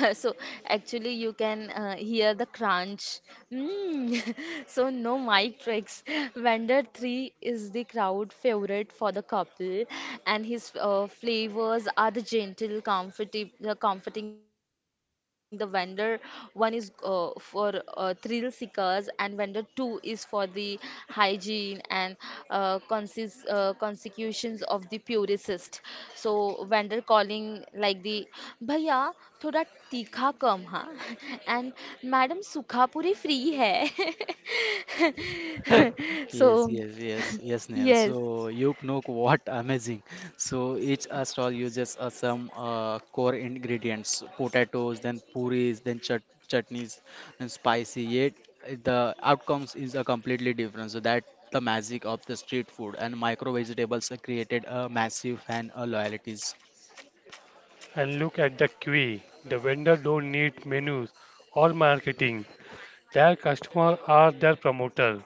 S1: [LAUGHS] so actually you can hear the crunch. Mm. [LAUGHS] So no mic tricks. Vendor 3 is the crowd favorite for the couple and his flavors are the gentle comforting comforting the vendor one is for thrill seekers, and vendor two is for the hygiene and consecutions of the purist. So vendor calling like the भैया थोड़ा तीखा कम हाँ [LAUGHS] and madam सुखापुरी free है
S3: [LAUGHS]
S1: [LAUGHS] so
S3: Yes, yes, yes,
S1: [LAUGHS]
S3: yes, Neil.
S1: yes,
S3: So you know what? [LAUGHS] Amazing. So each stall uses some core ingredients: potatoes, then puris, then chutneys, and spicy. Yet the outcomes is a completely different. So that the magic of the street food and micro vegetables created a massive fan loyalties.
S2: And look at the queue. The vendor don't need menus or marketing. Their customer are their promoter.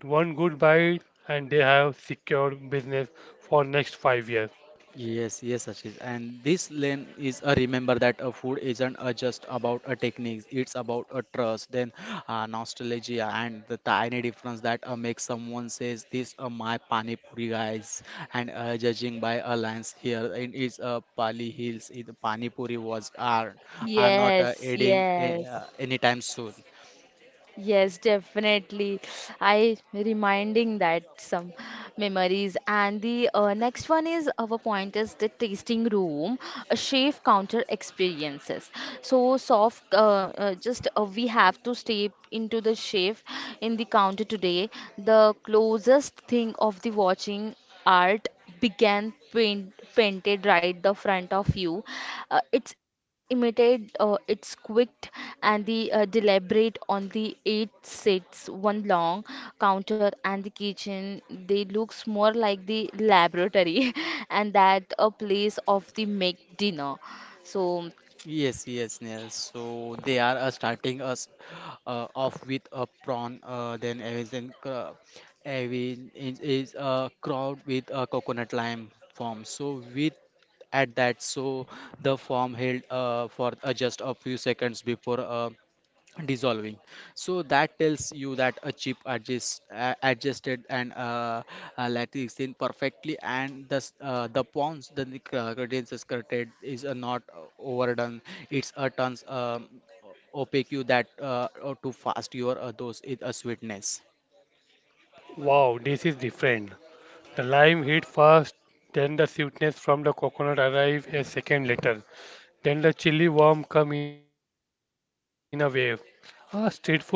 S2: One good bite and they have secured business for next 5 years.
S3: Yes, yes, Ashish. And this lane is a remember that a food isn't a just about a technique, it's about a trust, then nostalgia, and the tiny difference that makes someone says, "This are my pani puri guys," and judging by a lens here, it is Pali Hills, it, pani puri was are not
S1: yes,
S3: adding
S1: yes.
S3: anytime soon.
S1: Yes, definitely. I reminding that some memories. And the next one is our point is the tasting room, a chef counter experiences. So soft, just we have to step into the chef in the counter today. The closest thing of the watching art began painted right the front of you. It's imitated, it's quick, and the deliberate on the eight sits one long counter and the kitchen. They looks more like the laboratory, [LAUGHS] and that a place of the make dinner. So
S3: Yes, yes, yes. So they are starting us off with a prawn, then Avin is a crowd with a coconut lime form. So with at that, so the form held for just a few seconds before dissolving, so that tells you that a chip adjust adjusted and lattice in perfectly, and the the pawns the gradients is created is not overdone. It's a turns opaque you that to fast your those is a sweetness.
S2: Wow, this is different. The lime hit first, then the sweetness from the coconut arrive a second later. Then the chili worm come in a wave. Ah, street food hit all at once.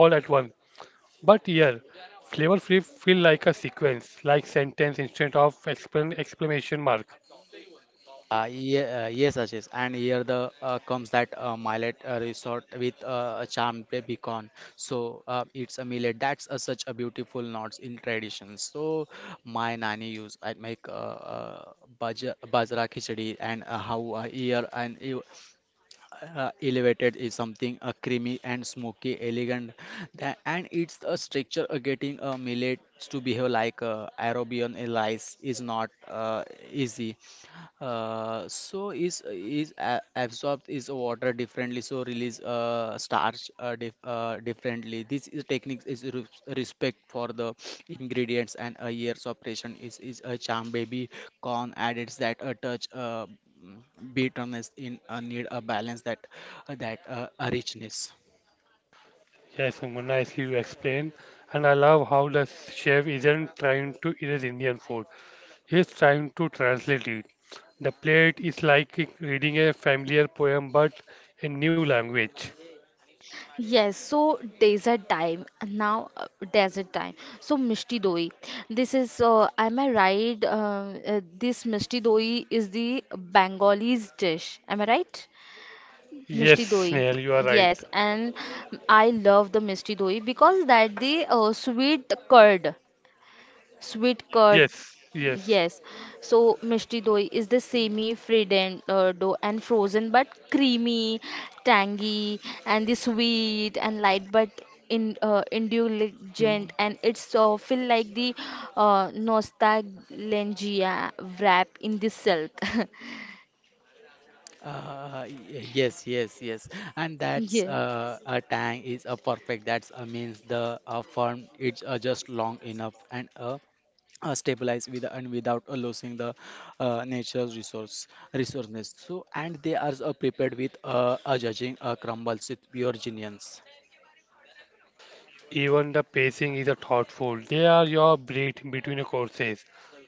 S2: But here, flavor free feel like a sequence, like sentence instead of exclamation mark.
S3: Yes, Ashish, and here the comes that millet resort with a charmed beacon. So it's a millet. That's a, such a beautiful notes in tradition. So my nanny used I make bajra khichdi, and how here and elevated is something creamy and smoky elegant and it's a structure getting a millet to behave like arabian rice is not easy. So absorbed is water differently, so release starch differently. This is technique is re respect for the ingredients, and a year's operation is a charm baby corn added that a touch, bitterness in need a balance that a richness.
S2: Yes, Sumana, as you explain, and I love how the chef isn't trying to erase Indian food. He's trying to translate it. The plate is like reading a familiar poem but in new language.
S1: yes, so desert time now, desert time. So Mishti Doi, this is am I right? This Mishti Doi is the Bengali's dish. Am I right?
S2: Yes,
S1: Mishti Doi.
S2: Snail, you are right.
S1: Yes, and I love the Mishti Doi because that the sweet curd. Sweet curd,
S2: Yes, yes.
S1: yes. So mishti doi is the semi-frident dough and frozen but creamy, tangy, and the sweet and light but in
S2: Mm,
S1: indulgent, and it's feel like the nostalgia wrap in the silk. [LAUGHS]
S3: Uh, y- Yes, yes, yes, and
S1: Yeah.
S3: that's a tang is a perfect, that's means the firm, it's just long enough and stabilize with and without losing the nature's resources, so and they are prepared with a judging crumbles with pure genius.
S2: even the pacing is a thoughtful. They are your breath between the courses.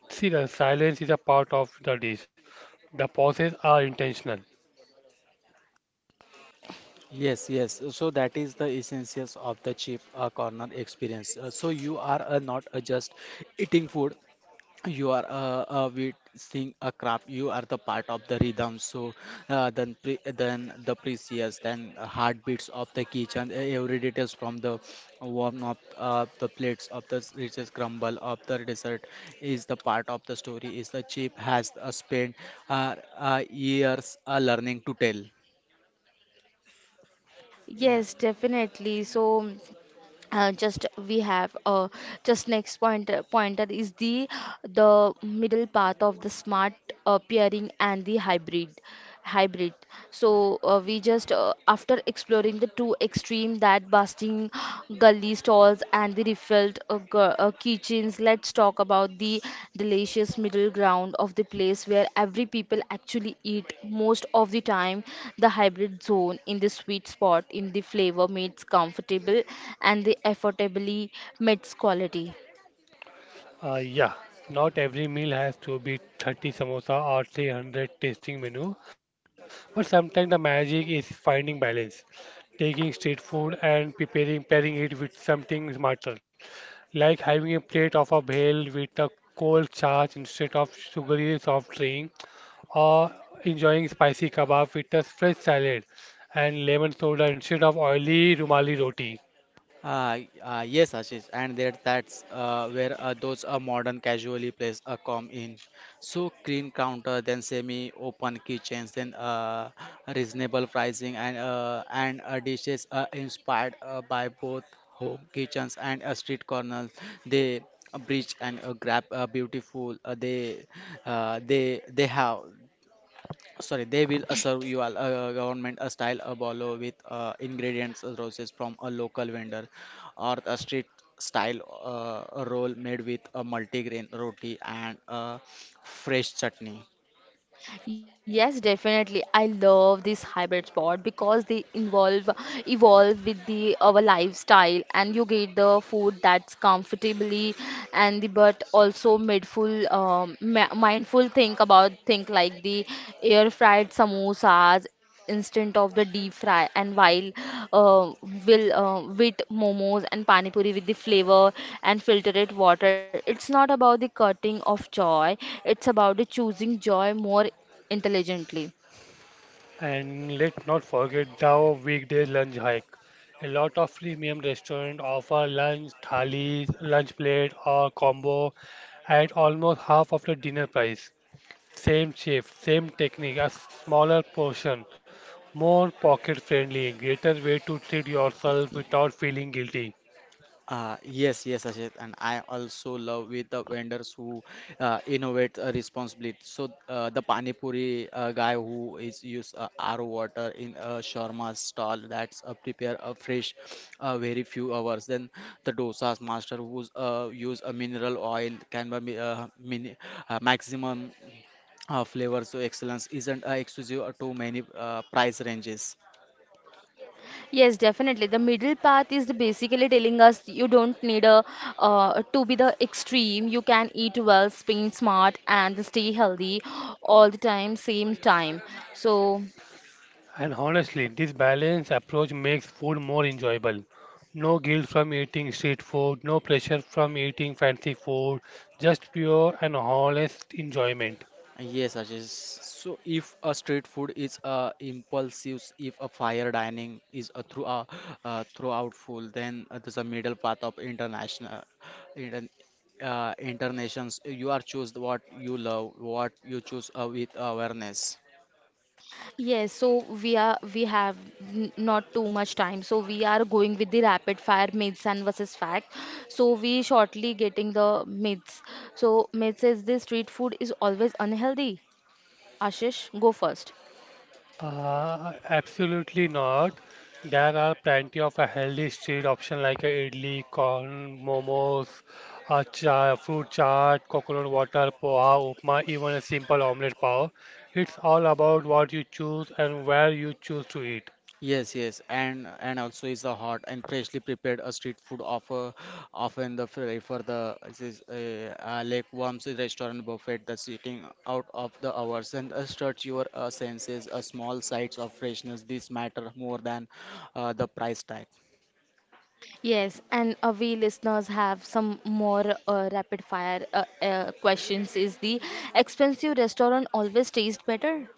S2: See, the silence is a part of the dish. The pauses are intentional.
S3: Yes, yes. So that is the essentials of the cheap corner experience. So you are not just eating food, you are witnessing a craft. You are the part of the rhythm. So then, pre then the precious, then heartbeats of the kitchen, every details from the warm of the plates of the riches crumble of the dessert is the part of the story. Is the cheap has spent years learning to tell. Yeah.
S1: Yes, definitely. So. Just we have just next pointer is the middle path of the smart pairing and the hybrid. So uh, we just uh, after exploring the two extreme that busting gully stalls and the the kitchens, let's talk about the delicious middle ground of the place where every people actually eat most of the time the hybrid zone in the sweet spot in the flavor meets comfortable and the affordably meets quality.
S2: Yeah, not every meal has to be 30 samosa or 300 tasting menu, but sometimes the magic is finding balance, taking street food and preparing pairing it with something smarter, like having a plate of a bhel with a cold charge instead of sugary soft drink, or enjoying spicy kebab with a fresh salad and lemon soda instead of oily rumali roti.
S3: Yes, Ashish, and that's where those modern casually place come in. So clean counter, then semi-open kitchens, then reasonable pricing, and dishes inspired by both home kitchens and street corners. They bridge and grab beautiful. They they have, sorry, they will serve you government a style a bolo with ingredients roses from a local vendor or a street style a roll made with a multigrain roti and a fresh chutney.
S1: Yes, definitely. I love this hybrid sport because they involve evolve with the our lifestyle and you get the food that's comfortably and the but also mindful mindful think like the air fried samosas instant of the deep fry and while uh, will with momos and pani puri with the flavor and filtered water. It's not about the cutting of joy, it's about the choosing joy more intelligently.
S2: And let's not forget the weekday lunch hike. A lot of premium restaurants offer lunch thali, lunch plate, or combo at almost half of the dinner price. Same chef, same technique, a smaller portion, more pocket friendly, greater way to treat yourself without feeling guilty.
S3: Yes, yes, Ashit, and I also love with the vendors who innovate responsibly. So the pani puri guy who is use RO water in a shawarma stall that's prepare a fresh, very few hours. Then the dosa's master who's use a mineral oil can be mini, maximum flavor. So excellence isn't exclusive to many price ranges.
S1: Yes, definitely. The middle path is the basically telling us you don't need a to be the extreme. You can eat well, spend smart, and stay healthy all the time, same time. So
S2: And honestly, this balanced approach makes food more enjoyable. No guilt from eating street food, no pressure from eating fancy food, just pure and honest enjoyment.
S3: Yes, Ashish. So if a street food is a impulsive, if a fire dining is a through a throughout full, then there's a middle path of international, intern, internations. You are choose what you love, what you choose with awareness.
S1: yes, so we are we have not too much time, so we are going with the rapid fire myths and versus fact. So we shortly getting the myths. So myth says this street food is always unhealthy. Ashish, go first.
S2: Absolutely not. There are plenty of a healthy street option like a idli, corn, momos, a cha fruit chaat, coconut water, poha, upma, even a simple omelette pav. It's all about what you choose and where you choose to eat.
S3: Yes, yes, and also is the hot and freshly prepared a street food offer often the fray for the this is Lake Worms restaurant buffet the sitting out of the hours and stretch your senses a small sights of freshness, this matter more than the price tag.
S1: Yes, and we listeners have some more rapid fire questions. Is the expensive restaurant always taste better?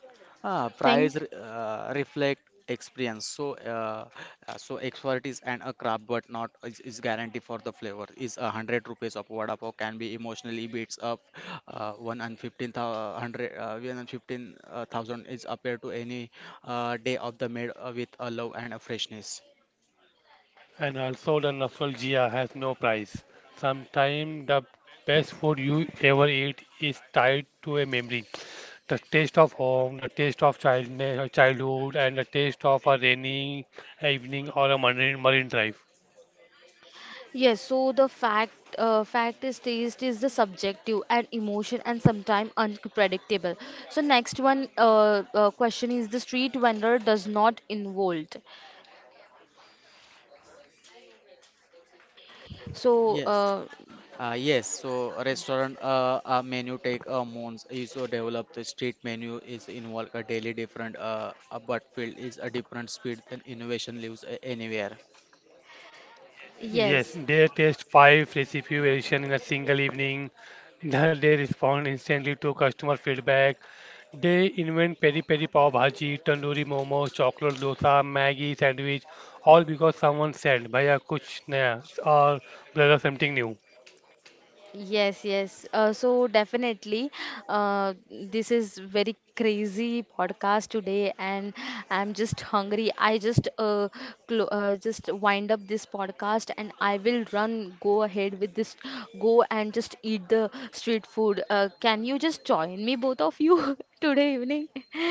S3: Ah,
S1: Thing.
S3: reflect experience. So, so expertise and a craft, but not is, is guarantee for the flavor. Is 100 rupees of vada pav can be emotionally beats up 1 and 1,500 1 and 15 thousand is compared to any day of the made with a love and a freshness.
S2: And also the nostalgia has no price. Sometimes the best food you ever eat is tied to a memory. The taste of home, the taste of childhood, and the taste of a rainy evening or a marine drive.
S1: Yes, so the fact is taste is the subjective and emotion and sometimes unpredictable. So next one question is the street vendor does not involved. So
S3: Yes, Yes, so a restaurant menu take months is developed. The street menu is involved a daily different, but field is a different speed than innovation lives anywhere.
S2: Yes,
S1: yes.
S2: they test five recipe variation in a single evening. [LAUGHS] That they respond instantly to customer feedback. They invent peri peri pav bhaji, tandoori momo, chocolate dosa, Maggie sandwich, all because someone said, "Bhaiya, kuch naya," or brother, something new.
S1: Yes, yes. So definitely, this is very crazy podcast today, and I'm just hungry. I just clo just wind up this podcast, and I will run, go ahead with this, go and just eat the street food. Can you just join me, both of you, [LAUGHS] today evening?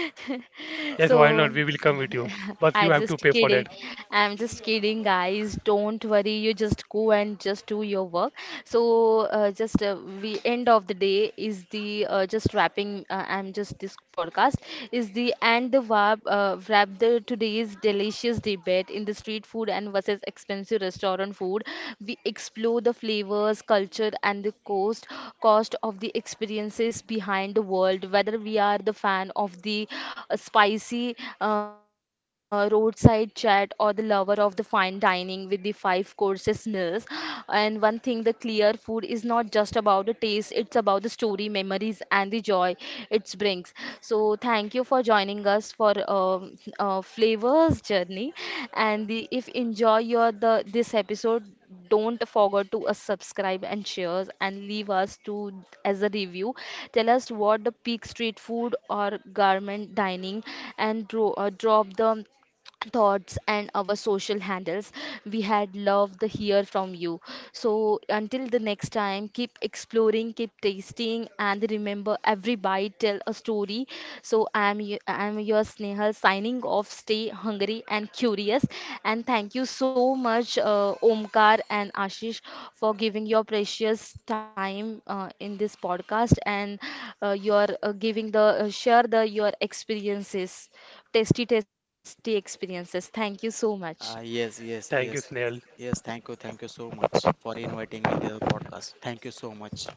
S1: [LAUGHS] [LAUGHS]
S2: Yes, why not?
S1: So
S2: We will come with you,
S1: [LAUGHS]
S2: but
S1: I
S2: you have to
S1: just
S2: pay for
S1: kidding.
S2: that.
S1: I'm just kidding, guys. Don't worry. You just go and just do your work. So just we end of the day is the just wrapping. I'm just this podcast is the and the wrap the today's delicious debate in the street food and versus expensive restaurant food. We explore the flavors, culture, and the cost of the experiences behind the world. Whether we are the fan of the spicy roadside chat or the lover of the fine dining with the five courses meals. And one thing, the clear food is not just about the taste; it's about the story, memories, and the joy it brings. So thank you for joining us for flavors journey. And the if enjoy your the this episode, don't forget to subscribe and shares and leave us to as a review. Tell us what the peak street food or garment dining and drop the thoughts and our social handles. We had loved to hear from you. So until the next time, keep exploring, keep tasting, and remember every bite tell a story. So I'm I'm your Snehal signing off. Stay hungry and curious, and thank you so much, Omkar and Ashish, for giving your precious time in this podcast and your giving the share the your experiences tasty, tasty experiences. Thank you so much.
S3: Yes, yes,
S2: Thank you,
S3: yes,
S2: Snail.
S3: yes. Thank you so much for inviting me to the podcast. Thank you so much.